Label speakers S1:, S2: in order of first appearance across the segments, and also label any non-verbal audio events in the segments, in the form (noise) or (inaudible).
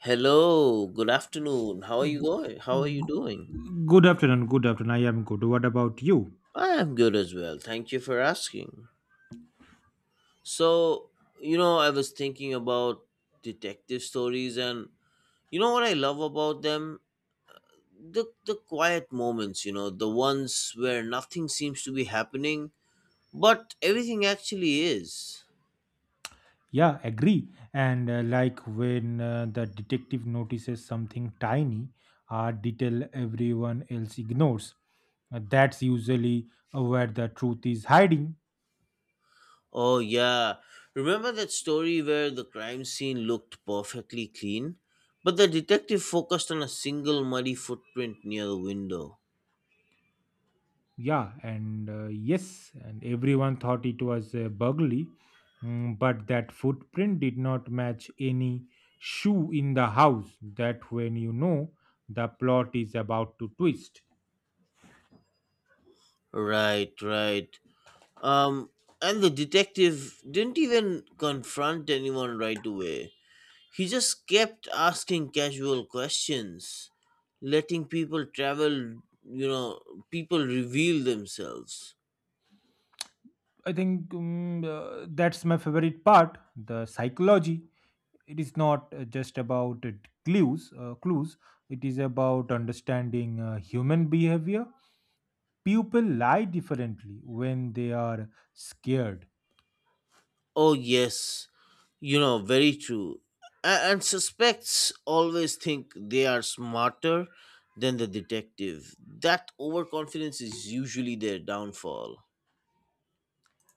S1: Hello, good afternoon. How are you going? How are you
S2: G-
S1: doing?
S2: Good afternoon. Good afternoon. I am good. What about you?
S1: I am good as well. Thank you for asking. So, I was thinking about detective stories and you know what I love about them? The quiet moments, the ones where nothing seems to be happening, but everything actually is.
S2: Yeah, agree. And like when the detective notices something tiny, a detail everyone else ignores. That's usually where the truth is hiding.
S1: Oh, yeah. Remember that story where the crime scene looked perfectly clean? But the detective focused on a single muddy footprint near the window.
S2: Yeah, and yes, and everyone thought it was a burglary, but that footprint did not match any shoe in the house. That when you know the plot is about to twist.
S1: Right, right. Um, and the detective didn't even confront anyone right away. He just kept asking casual questions, letting people travel, people reveal themselves.
S2: I think that's my favorite part, the psychology. It is not just about clues, clues. It is about understanding human behavior. People lie differently when they are scared.
S1: Oh, yes. Very true. And suspects always think they are smarter than the detective. That overconfidence is usually their downfall.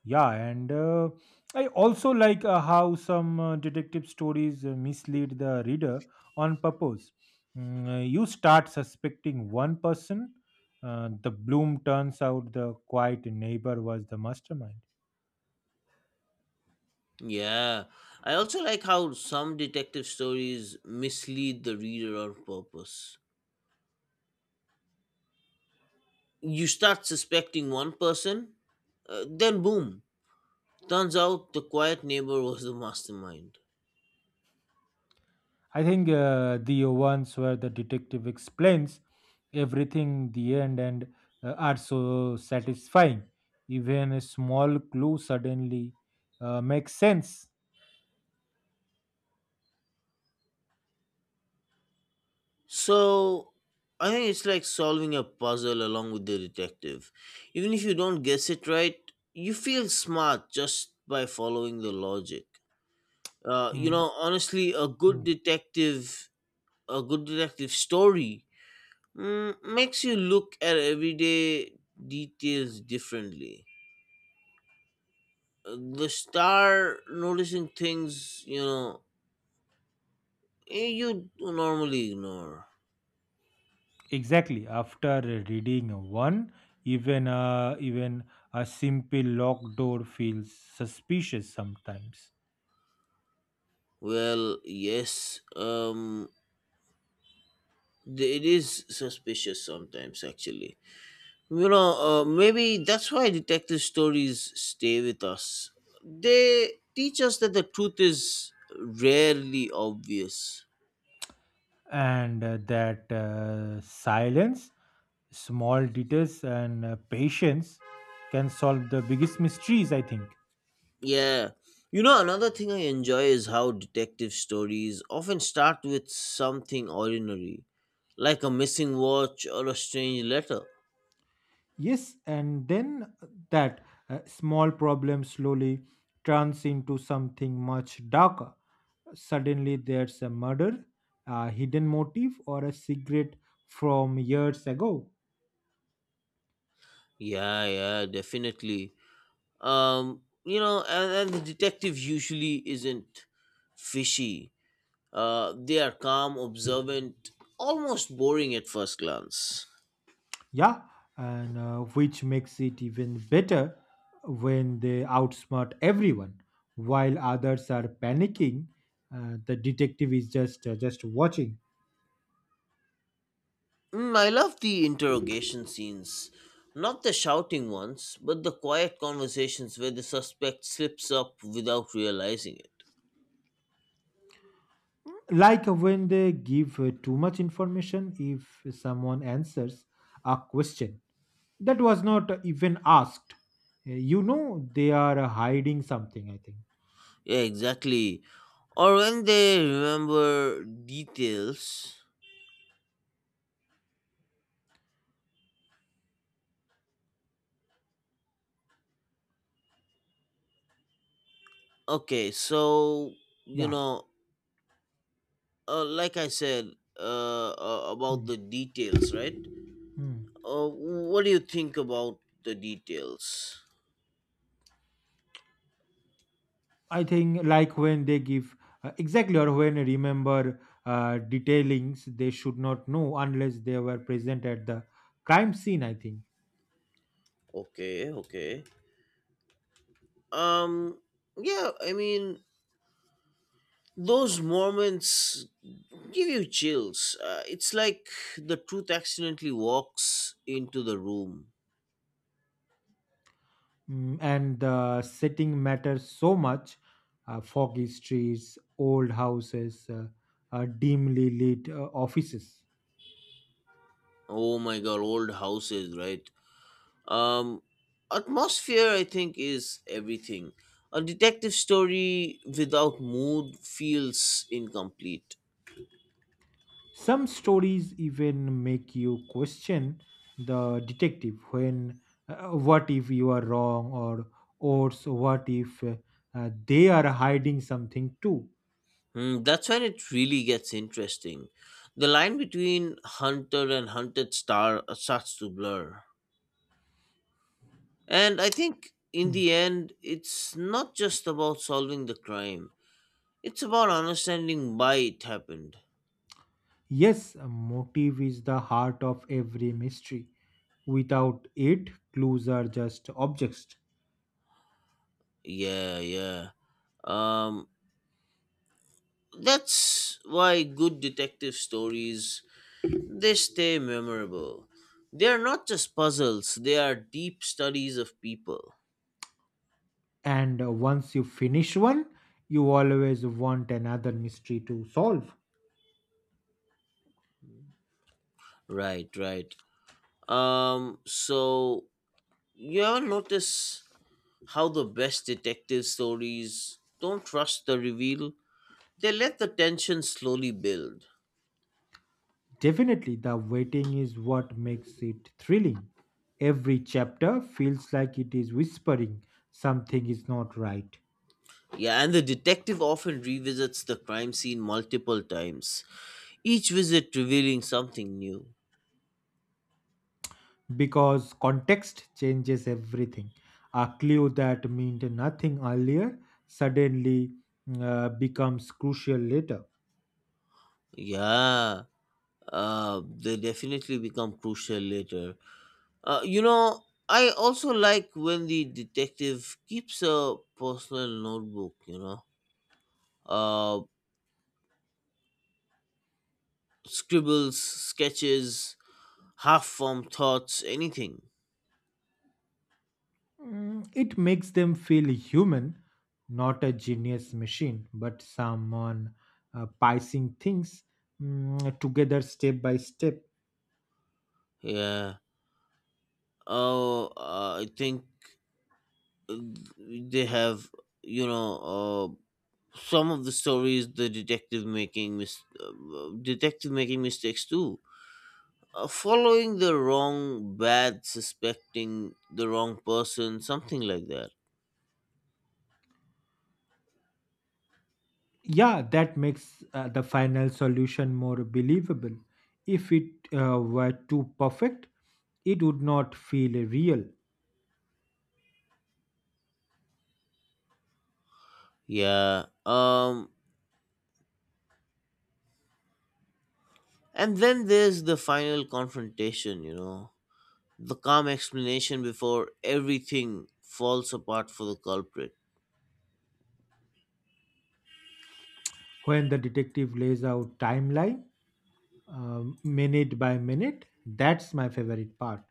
S2: Yeah, and I also like how some detective stories mislead the reader on purpose. You start suspecting one person, the bloom turns out the quiet neighbor was the mastermind.
S1: Yeah. I also like how some detective stories mislead the reader on purpose. You start suspecting one person, then boom, turns out the quiet neighbor was the mastermind.
S2: I think the ones where the detective explains everything in the end and are so satisfying. Even a small clue suddenly makes sense.
S1: So I think it's like solving a puzzle along with the detective. Even if you don't guess it right, you feel smart just by following the logic. Uh, you
S2: Mm,
S1: know, honestly,
S2: mm.
S1: a good detective story makes you look at everyday details differently. The star noticing things, you normally ignore.
S2: Exactly. After reading one, even a simple locked door feels suspicious sometimes.
S1: Well, yes. It is suspicious sometimes, actually. Maybe that's why detective stories stay with us. They teach us that the truth is rarely obvious.
S2: And that silence, small details, and patience can solve the biggest mysteries, I think.
S1: Yeah. Another thing I enjoy is how detective stories often start with something ordinary, like a missing watch or a strange letter.
S2: Yes, and then that small problem slowly turns into something much darker. Suddenly, there's a murder, a hidden motive, or a secret from years ago.
S1: Yeah, yeah, definitely. And the detective usually isn't fishy. They are calm, observant, almost boring at first glance.
S2: Yeah, and which makes it even better when they outsmart everyone while others are panicking. The detective is just watching.
S1: I love the interrogation scenes. Not the shouting ones, but the quiet conversations where the suspect slips up without realizing it.
S2: Like when they give too much information, if someone answers a question that was not even asked, you know they are hiding something, I think.
S1: Yeah, exactly. Or when they remember details. Okay, so, you
S2: Yeah.
S1: know, like I said about
S2: Mm.
S1: the details, right?
S2: Mm.
S1: What do you think about the details?
S2: I think like when they give exactly or when I remember detailings they should not know unless they were present at the crime scene. I think,
S1: Okay, okay. Um, yeah, I mean, those moments give you chills. It's like the truth accidentally walks into the room.
S2: And the setting matters so much. Foggy streets, old houses, dimly lit offices.
S1: Oh my god, old houses, right? Um, Atmosphere, I think, is everything. A detective story without mood feels incomplete.
S2: Some stories even make you question the detective when what if you are wrong or or so what if they are hiding something too.
S1: That's when it really gets interesting. The line between hunter and hunted starts to blur. And I think in
S2: Hmm.
S1: the end, it's not just about solving the crime. It's about understanding why it happened.
S2: Yes, a motive is the heart of every mystery. Without it, clues are just objects.
S1: Yeah, yeah. Um that's why good detective stories they stay memorable. They are not just puzzles, they are deep studies of people.
S2: And Once you finish one, you always want another mystery to solve.
S1: Right, right. So you ever notice how the best detective stories don't trust the reveal? They let the tension slowly build.
S2: Definitely, the waiting is what makes it thrilling. Every chapter feels like it is whispering something is not right
S1: Yeah, and the detective often revisits the crime scene multiple times, each visit revealing something new.
S2: because context changes everything. A clue that meant nothing earlier suddenly becomes crucial later.
S1: Yeah, they definitely become crucial later. I also like when the detective keeps a personal notebook, uh, scribbles, sketches, half formed thoughts, anything.
S2: Mm, it makes them feel human, not a genius machine, but someone piecing things together step by step.
S1: Yeah. Oh, I think they have you know some of the stories the detective making mistakes too, following the wrong bad, suspecting the wrong person, something like that.
S2: Yeah, that makes the final solution more believable. If it were too perfect, it would not feel real.
S1: Yeah, and then there's the final confrontation, the calm explanation before everything falls apart for the culprit.
S2: When the detective lays out timeline, minute by minute, that's my favorite part.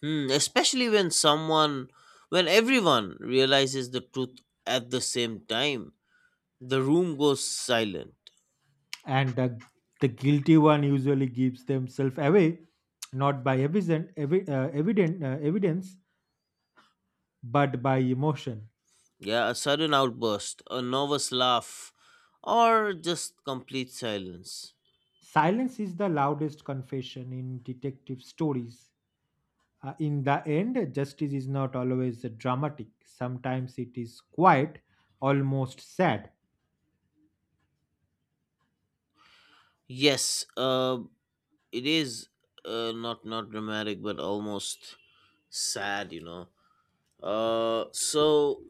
S1: Especially when everyone realizes the truth at the same time, the room goes silent.
S2: And the guilty one usually gives themselves away, not by evidence, but by emotion.
S1: Yeah, a sudden outburst, a nervous laugh, or just complete silence.
S2: Silence is the loudest confession in detective stories. In the end, justice is not always dramatic. Sometimes it is quiet, almost sad.
S1: Yes, it is not dramatic, but almost sad. Uh, so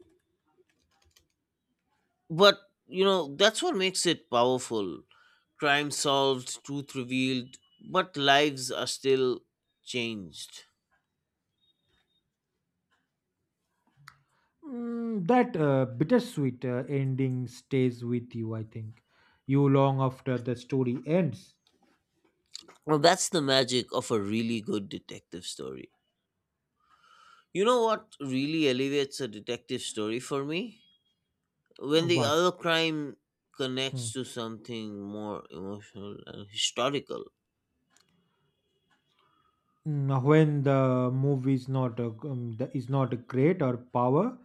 S1: But you know, that's what makes it powerful. Crime solved, truth revealed, but lives are still changed.
S2: That bittersweet ending stays with you, I think. You long after the story ends.
S1: Well, that's the magic of a really good detective story. You know what really elevates a detective story for me? When the
S2: What?
S1: other crime connects
S2: Mm.
S1: to something more emotional and historical.
S2: When the movie is not is not great or power,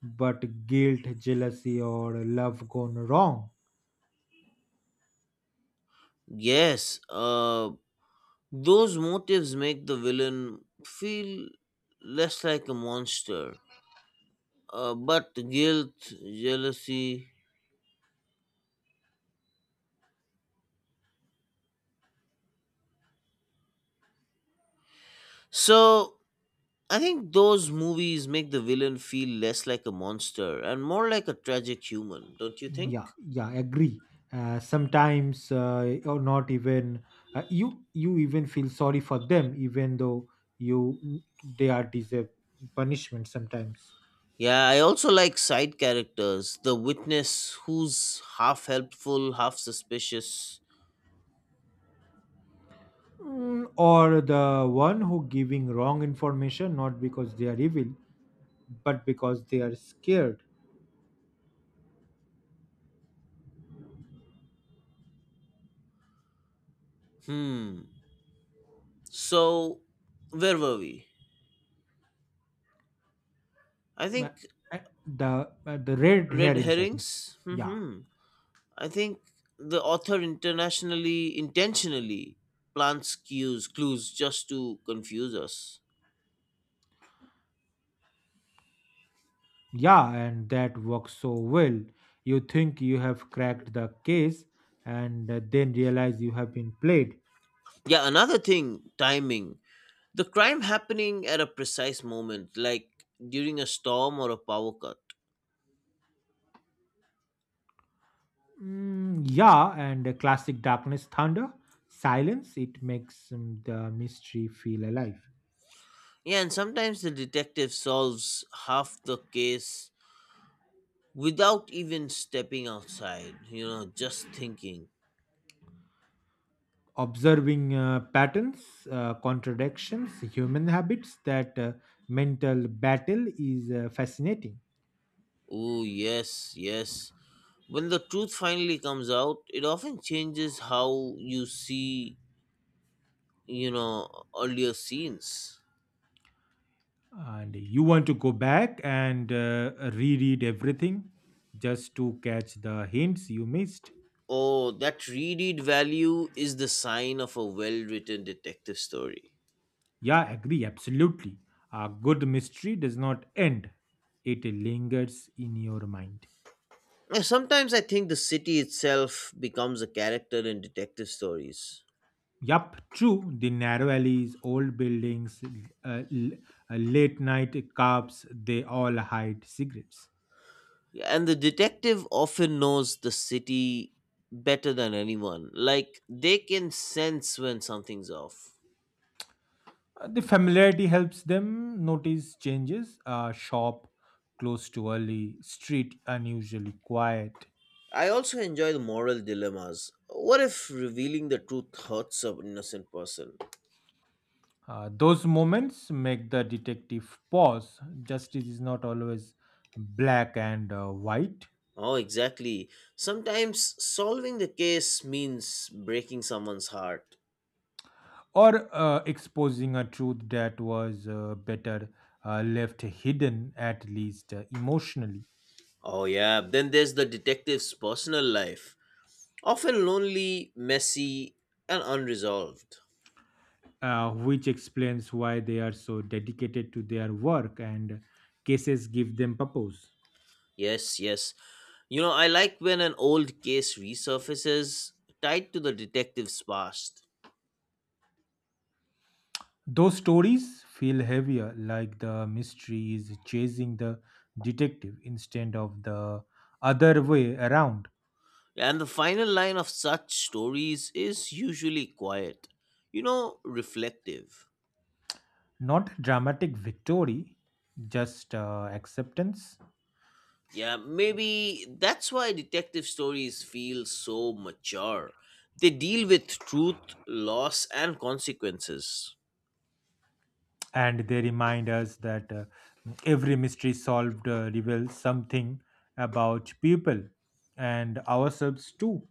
S2: but guilt, jealousy, or love gone wrong.
S1: Yes, those motives make the villain feel less like a monster, but guilt, jealousy. So I think those movies make the villain feel less like a monster and more like a tragic human, don't you think?
S2: Yeah, yeah, agree. Sometimes or not even you even feel sorry for them even though you they are deserve punishment sometimes.
S1: Yeah, I also like side characters. The witness, who's half helpful, half suspicious.
S2: Or the one who giving wrong information not because they are evil but because they are scared.
S1: Hmm. So, where were we? I
S2: Ma-
S1: think
S2: uh, the the red
S1: red
S2: herrings, I think.
S1: herrings.
S2: Yeah.
S1: Hmm. I think the author internationally intentionally plants clues just to confuse us.
S2: Yeah, and that works so well. You think you have cracked the case and then realize you have been played.
S1: Yeah, another thing, timing. The crime happening at a precise moment, like during a storm or a power cut.
S2: Mm, yeah, and the classic darkness thunder, silence, it makes the mystery feel alive.
S1: Yeah, and sometimes the detective solves half the case without even stepping outside, just thinking.
S2: Observing patterns, contradictions, human habits, that mental battle is fascinating.
S1: Oh, yes, yes. When the truth finally comes out, it often changes how you see, earlier scenes.
S2: And you want to go back and reread everything just to catch the hints you missed.
S1: Oh, that reread value is the sign of a well written detective story.
S2: Yeah, I agree, absolutely. A good mystery does not end, it lingers in your mind.
S1: Sometimes I think the city itself becomes a character in detective stories.
S2: Yup, true. The narrow alleys, old buildings, uh, l- late night cabs, they all hide secrets.
S1: Yeah, and the detective often knows the city better than anyone. Like, they can sense when something's off.
S2: The familiarity helps them notice changes. A shop close to early, street unusually quiet.
S1: I also enjoy the moral dilemmas. What if revealing the truth hurts an innocent person?
S2: Those moments make the detective pause. Justice is not always black and white.
S1: Oh, exactly. Sometimes solving the case means breaking someone's heart.
S2: Or exposing a truth that was better left hidden, at least emotionally,
S1: Oh, yeah. Then there's the detective's personal life, often lonely, messy, and unresolved.
S2: which explains why they are so dedicated to their work and cases give them purpose.
S1: Yes, yes. I like when an old case resurfaces tied to the detective's past.
S2: Those stories feel heavier, like the mystery is chasing the detective instead of the other way around.
S1: And the final line of such stories is usually quiet, reflective.
S2: Not dramatic victory, just acceptance.
S1: Yeah, maybe that's why detective stories feel so mature. They deal with truth, loss, and consequences.
S2: And they remind us that. Every mystery solved reveals something about people and ourselves too.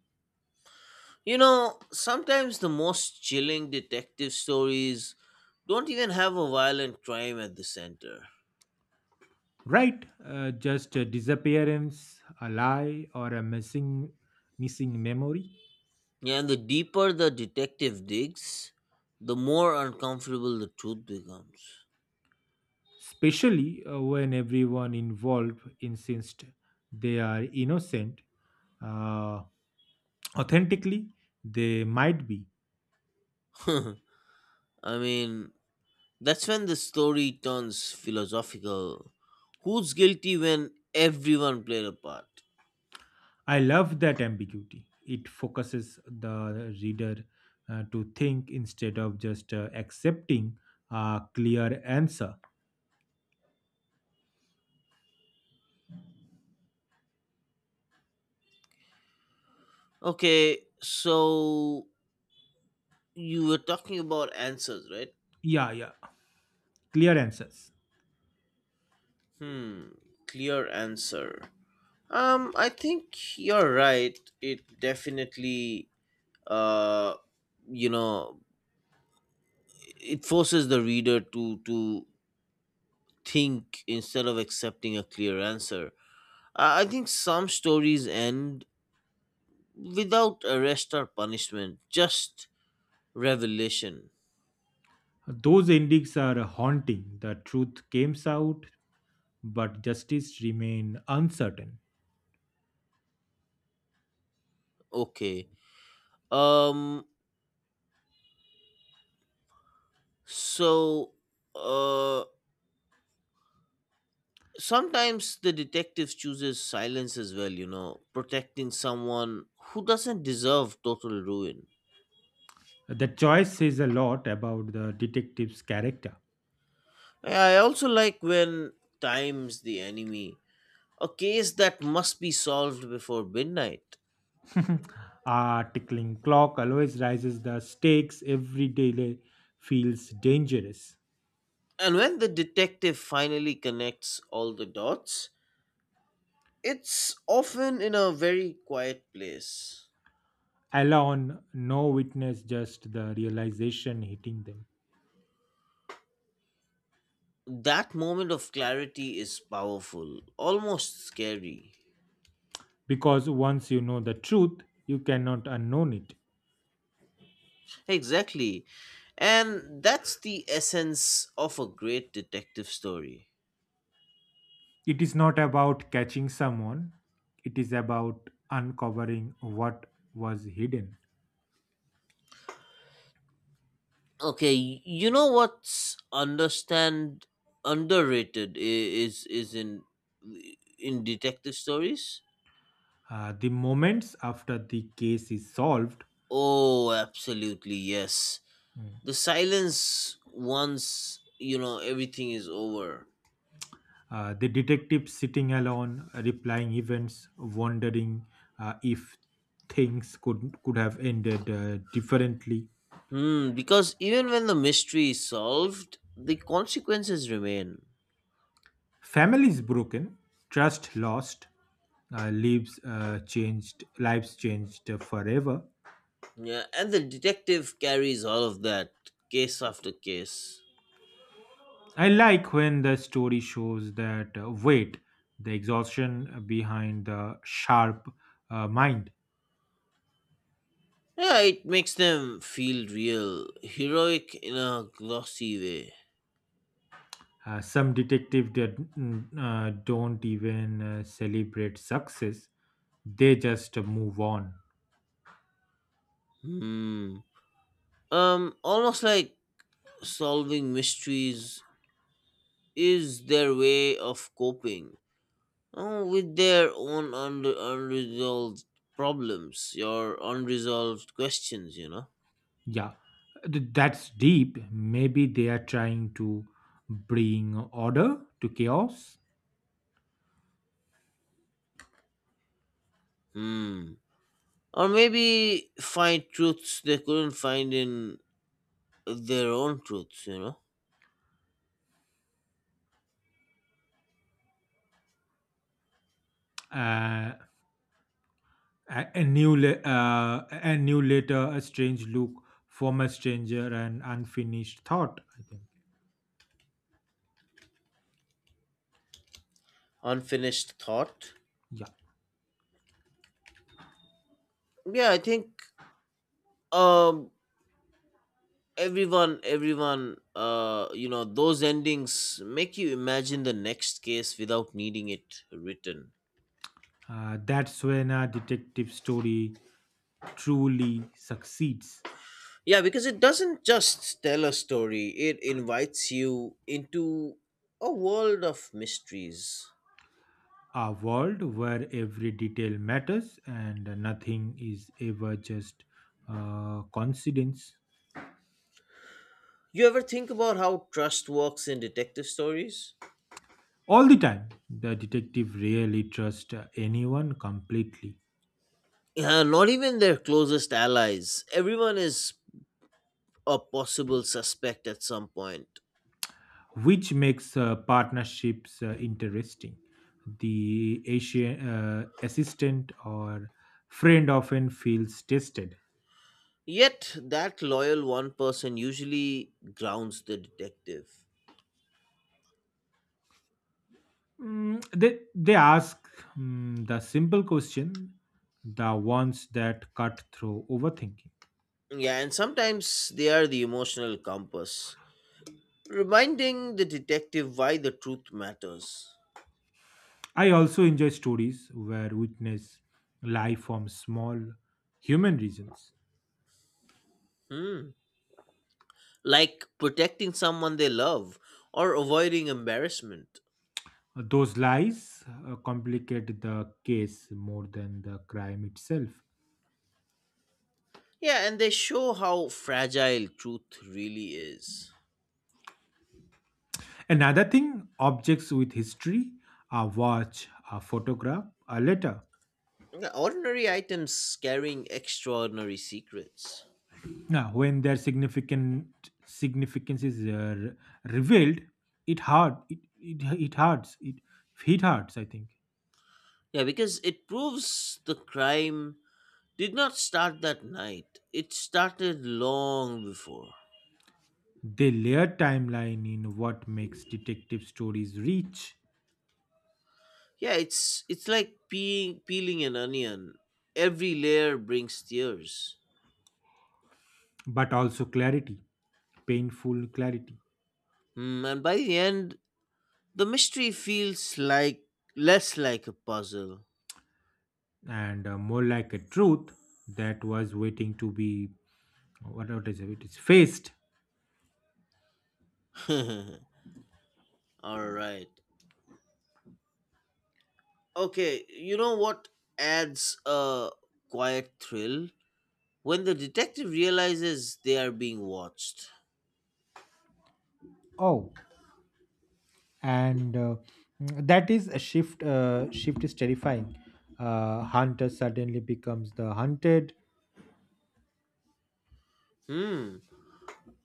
S1: Sometimes the most chilling detective stories don't even have a violent crime at the center.
S2: Right, just a disappearance, a lie, or a missing memory.
S1: Yeah, and the deeper the detective digs, the more uncomfortable the truth becomes.
S2: Especially when everyone involved insists they are innocent, uh, authentically they might be.
S1: (laughs) I mean, that's when the story turns philosophical. Who's guilty when everyone played a part?
S2: I love that ambiguity. It focuses the reader to think instead of just accepting a clear answer.
S1: Okay, so you were talking about answers, right?
S2: Yeah, yeah, clear answers.
S1: Hmm, clear answer. I think you're right. It definitely, uh, you know, it forces the reader to think instead of accepting a clear answer. I think some stories end without arrest or punishment, just revelation.
S2: Those endings are haunting. The truth came out, but justice remain uncertain.
S1: Okay. Um. So, uh, sometimes the detective chooses silence as well. Protecting someone who doesn't deserve total ruin.
S2: The choice says a lot about the detective's character.
S1: Yeah, I also like when time's the enemy, a case that must be solved before midnight.
S2: (laughs) A tickling clock always rises the stakes. Every day feels dangerous.
S1: And when the detective finally connects all the dots, it's often in a very quiet place.
S2: Alone, no witness, just the realization hitting them.
S1: That moment of clarity is powerful, almost scary.
S2: Because once you know the truth you cannot unknown it.
S1: Exactly. And that's the essence of a great detective story.
S2: It is not about catching someone, it is about uncovering what was hidden.
S1: Okay, you know what's understand underrated is in detective stories?
S2: The moments after the case is solved.
S1: Oh, absolutely, yes.
S2: Mm.
S1: The silence once, everything is over.
S2: The detective sitting alone replying events wondering if things could have ended differently.
S1: Because even when the mystery is solved, the consequences remain.
S2: Family is broken, trust lost, lives changed forever.
S1: Yeah, and the detective carries all of that case after case.
S2: I like when the story shows that weight, the exhaustion behind the sharp mind.
S1: Yeah, it makes them feel real, heroic in a glossy way.
S2: Some detective don't even celebrate success, they just move on.
S1: Hmm. Almost like solving mysteries is their way of coping with their own unresolved problems, your unresolved questions, you know?
S2: Yeah. Th- that's deep, maybe they are trying to bring order to chaos.
S1: Hmm. Or maybe find truths they couldn't find in their own truths, you know?
S2: uh, a new letter, a strange look from a stranger, an unfinished thought, I think.
S1: Unfinished thought.
S2: Yeah,
S1: Yeah, I think um everyone those endings make you imagine the next case without needing it written.
S2: that's when a detective story truly succeeds.
S1: Yeah, because it doesn't just tell a story, it invites you into a world of mysteries.
S2: A world where every detail matters and nothing is ever just coincidence.
S1: You ever think about how trust works in detective stories?
S2: All the time the detective really trusts anyone completely,
S1: Yeah, not even their closest allies, everyone is a possible suspect at some point.
S2: which makes partnerships interesting. The Asian assistant or friend often feels tested.
S1: Yet that loyal one person usually grounds the detective.
S2: They ask the simple question, the ones that cut through overthinking.
S1: Yeah, and sometimes they are the emotional compass, reminding the detective why the truth matters.
S2: I also enjoy stories where witness lie from small human reasons.
S1: Hmm. Like protecting someone they love or avoiding embarrassment.
S2: Those lies complicate the case more than the crime itself.
S1: Yeah, and they show how fragile truth really is.
S2: Another thing, objects with history, a watch, a photograph, a letter.
S1: Yeah, ordinary items carrying extraordinary secrets.
S2: Now, when their significant significance is revealed, it hurts. I think
S1: Yeah, because it proves the crime did not start that night, it started long before.
S2: they layer timeline in what makes detective stories rich,
S1: Yeah, it's like peeling an onion. Every layer brings tears.
S2: but also clarity, painful clarity.
S1: Hmm. And by the end, the mystery feels like less like a puzzle.
S2: And more like a truth that was waiting to be what is it? It is faced.
S1: (laughs) All right. Okay, you know what adds a quiet thrill? When the detective realizes they are being watched.
S2: Oh, and mm, that is a shift shift is terrifying, hunter suddenly becomes the hunted.
S1: Hmm.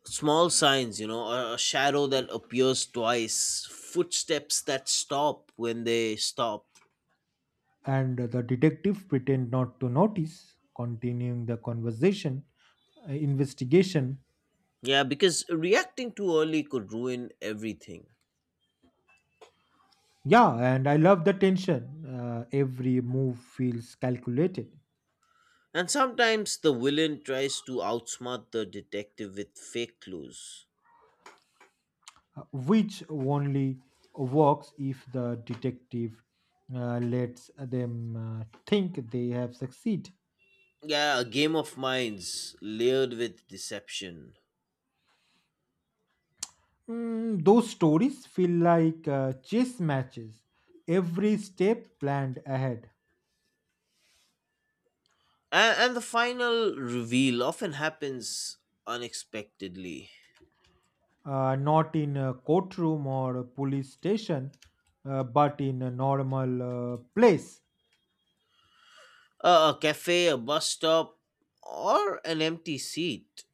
S1: Small signs, a shadow that appears twice, footsteps that stop when they stop.
S2: And the detective pretend not to notice continuing the conversation investigation.
S1: Yeah, because reacting too early could ruin everything.
S2: Yeah, and I love the tension, every move feels calculated.
S1: And sometimes the villain tries to outsmart the detective with fake clues.
S2: Which only works if the detective lets them think they have succeed.
S1: Yeah, a game of minds layered with deception.
S2: Mm, those stories feel like chess matches, every step planned ahead.
S1: And the final reveal often happens unexpectedly.
S2: Not in a courtroom or a police station, but in a normal place.
S1: A cafe, a bus stop, or an empty seat.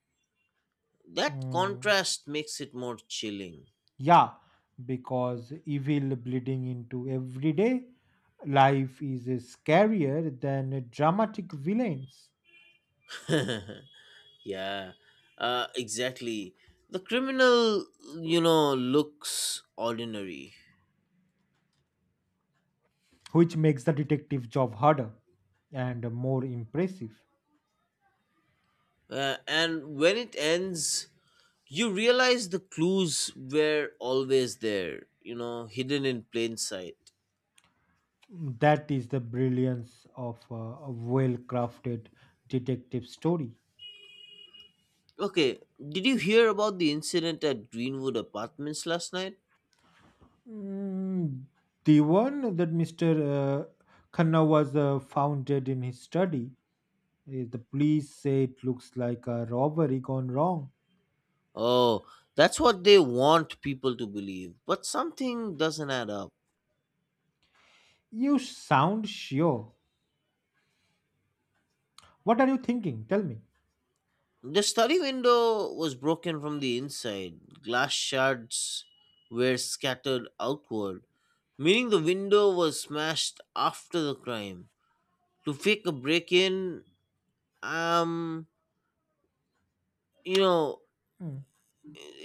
S1: That
S2: Mm,
S1: contrast makes it more chilling.
S2: yeah, because evil bleeding into everyday life is scarier than dramatic villains,
S1: Yeah, exactly. The criminal, looks ordinary.
S2: which makes the detective job harder and more impressive.
S1: And when it ends, you realize the clues were always there, hidden in plain sight.
S2: That is the brilliance of a well crafted detective story.
S1: Okay, did you hear about the incident at Greenwood Apartments last night?
S2: Mm, the one that Mr. Uh, Khanna was founded in his study. The police say it looks like a robbery gone wrong.
S1: Oh, that's what they want people to believe, but something doesn't add up.
S2: You sound sure. What are you thinking? Tell me.
S1: The study window was broken from the inside. Glass shards were scattered outward, meaning the window was smashed after the crime. To fake a break in, um, you know,
S2: Mm.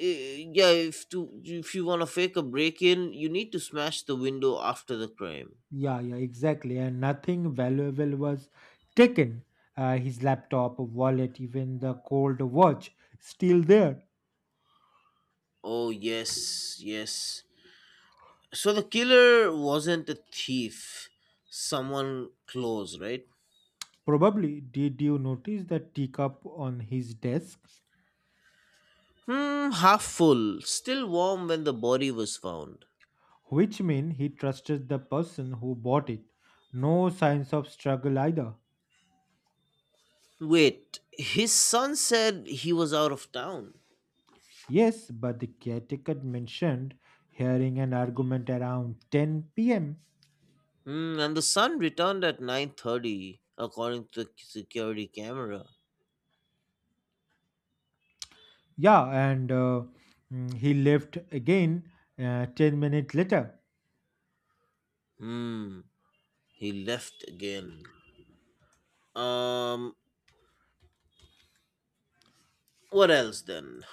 S1: yeah, if you want to fake a break in, you need to smash the window after the crime.
S2: Yeah, yeah, exactly. And nothing valuable was taken. His laptop, wallet, even the gold watch, still there.
S1: Oh yes, yes. So the killer wasn't a thief, someone close, right?
S2: Probably did you notice the teacup on his desk,
S1: Half full, still warm when the body was found.
S2: which means he trusted the person who bought it. No signs of struggle either.
S1: Wait, his son said he was out of town.
S2: Yes, but the caretaker mentioned hearing an argument around 10 p.m.
S1: And the son returned at 9:30 according to the security camera.
S2: Yeah, and he left again 10 minutes later.
S1: Hmm, he left again. Um, what else then?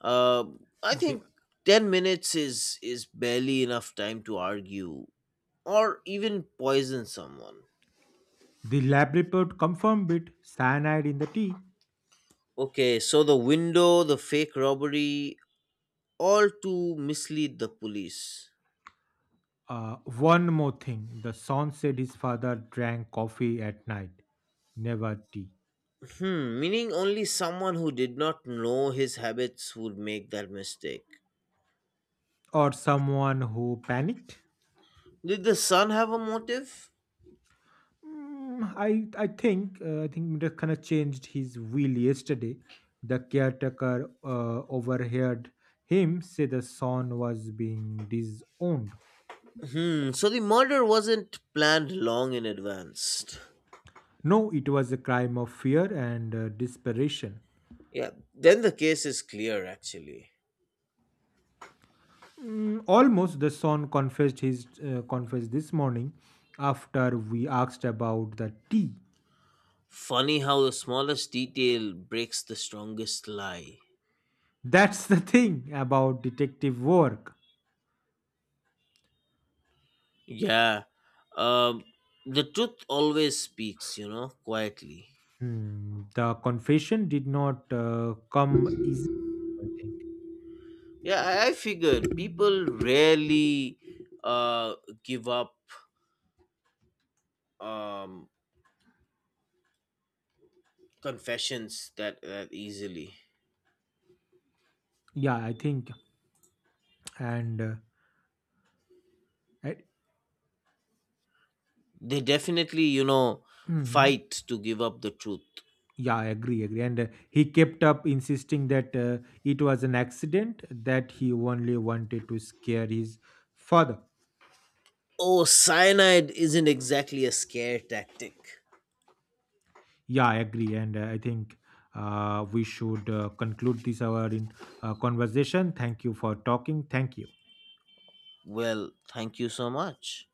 S1: Uh, I
S2: The,
S1: think 10 minutes is barely enough time to argue or even poison someone.
S2: the lab report confirmed it, cyanide in the tea.
S1: Okay, so the window, the fake robbery, all to mislead the police.
S2: One more thing, the son said his father drank coffee at night, never tea.
S1: Meaning only someone who did not know his habits would make that mistake.
S2: Or someone who panicked.
S1: Did the son have a motive?
S2: Mm, I think Murakana changed his wheel yesterday. The caretaker overheard him say the son was being disowned.
S1: So the murder wasn't planned long in advance.
S2: No, it was a crime of fear and desperation.
S1: Yeah, then the case is clear actually.
S2: Mm, almost the son confessed his confessed this morning after we asked about the tea.
S1: Funny how the smallest detail breaks the strongest lie.
S2: That's the thing about detective work.
S1: Yeah, um, the truth always speaks, quietly.
S2: Hmm, the confession did not come easy, I think.
S1: Yeah, I figured people rarely uh, give up um, confessions that easily.
S2: Yeah, I think, and uh, I,
S1: They definitely,
S2: Mhm.
S1: fight to give up the truth.
S2: Yeah, I agree, agree. And he kept up insisting that it was an accident, that he only wanted to scare his father.
S1: Oh, cyanide isn't exactly a scare tactic.
S2: Yeah, I agree, and I think we should conclude this hour in conversation. Thank you for talking. Thank you.
S1: Well, thank you so much.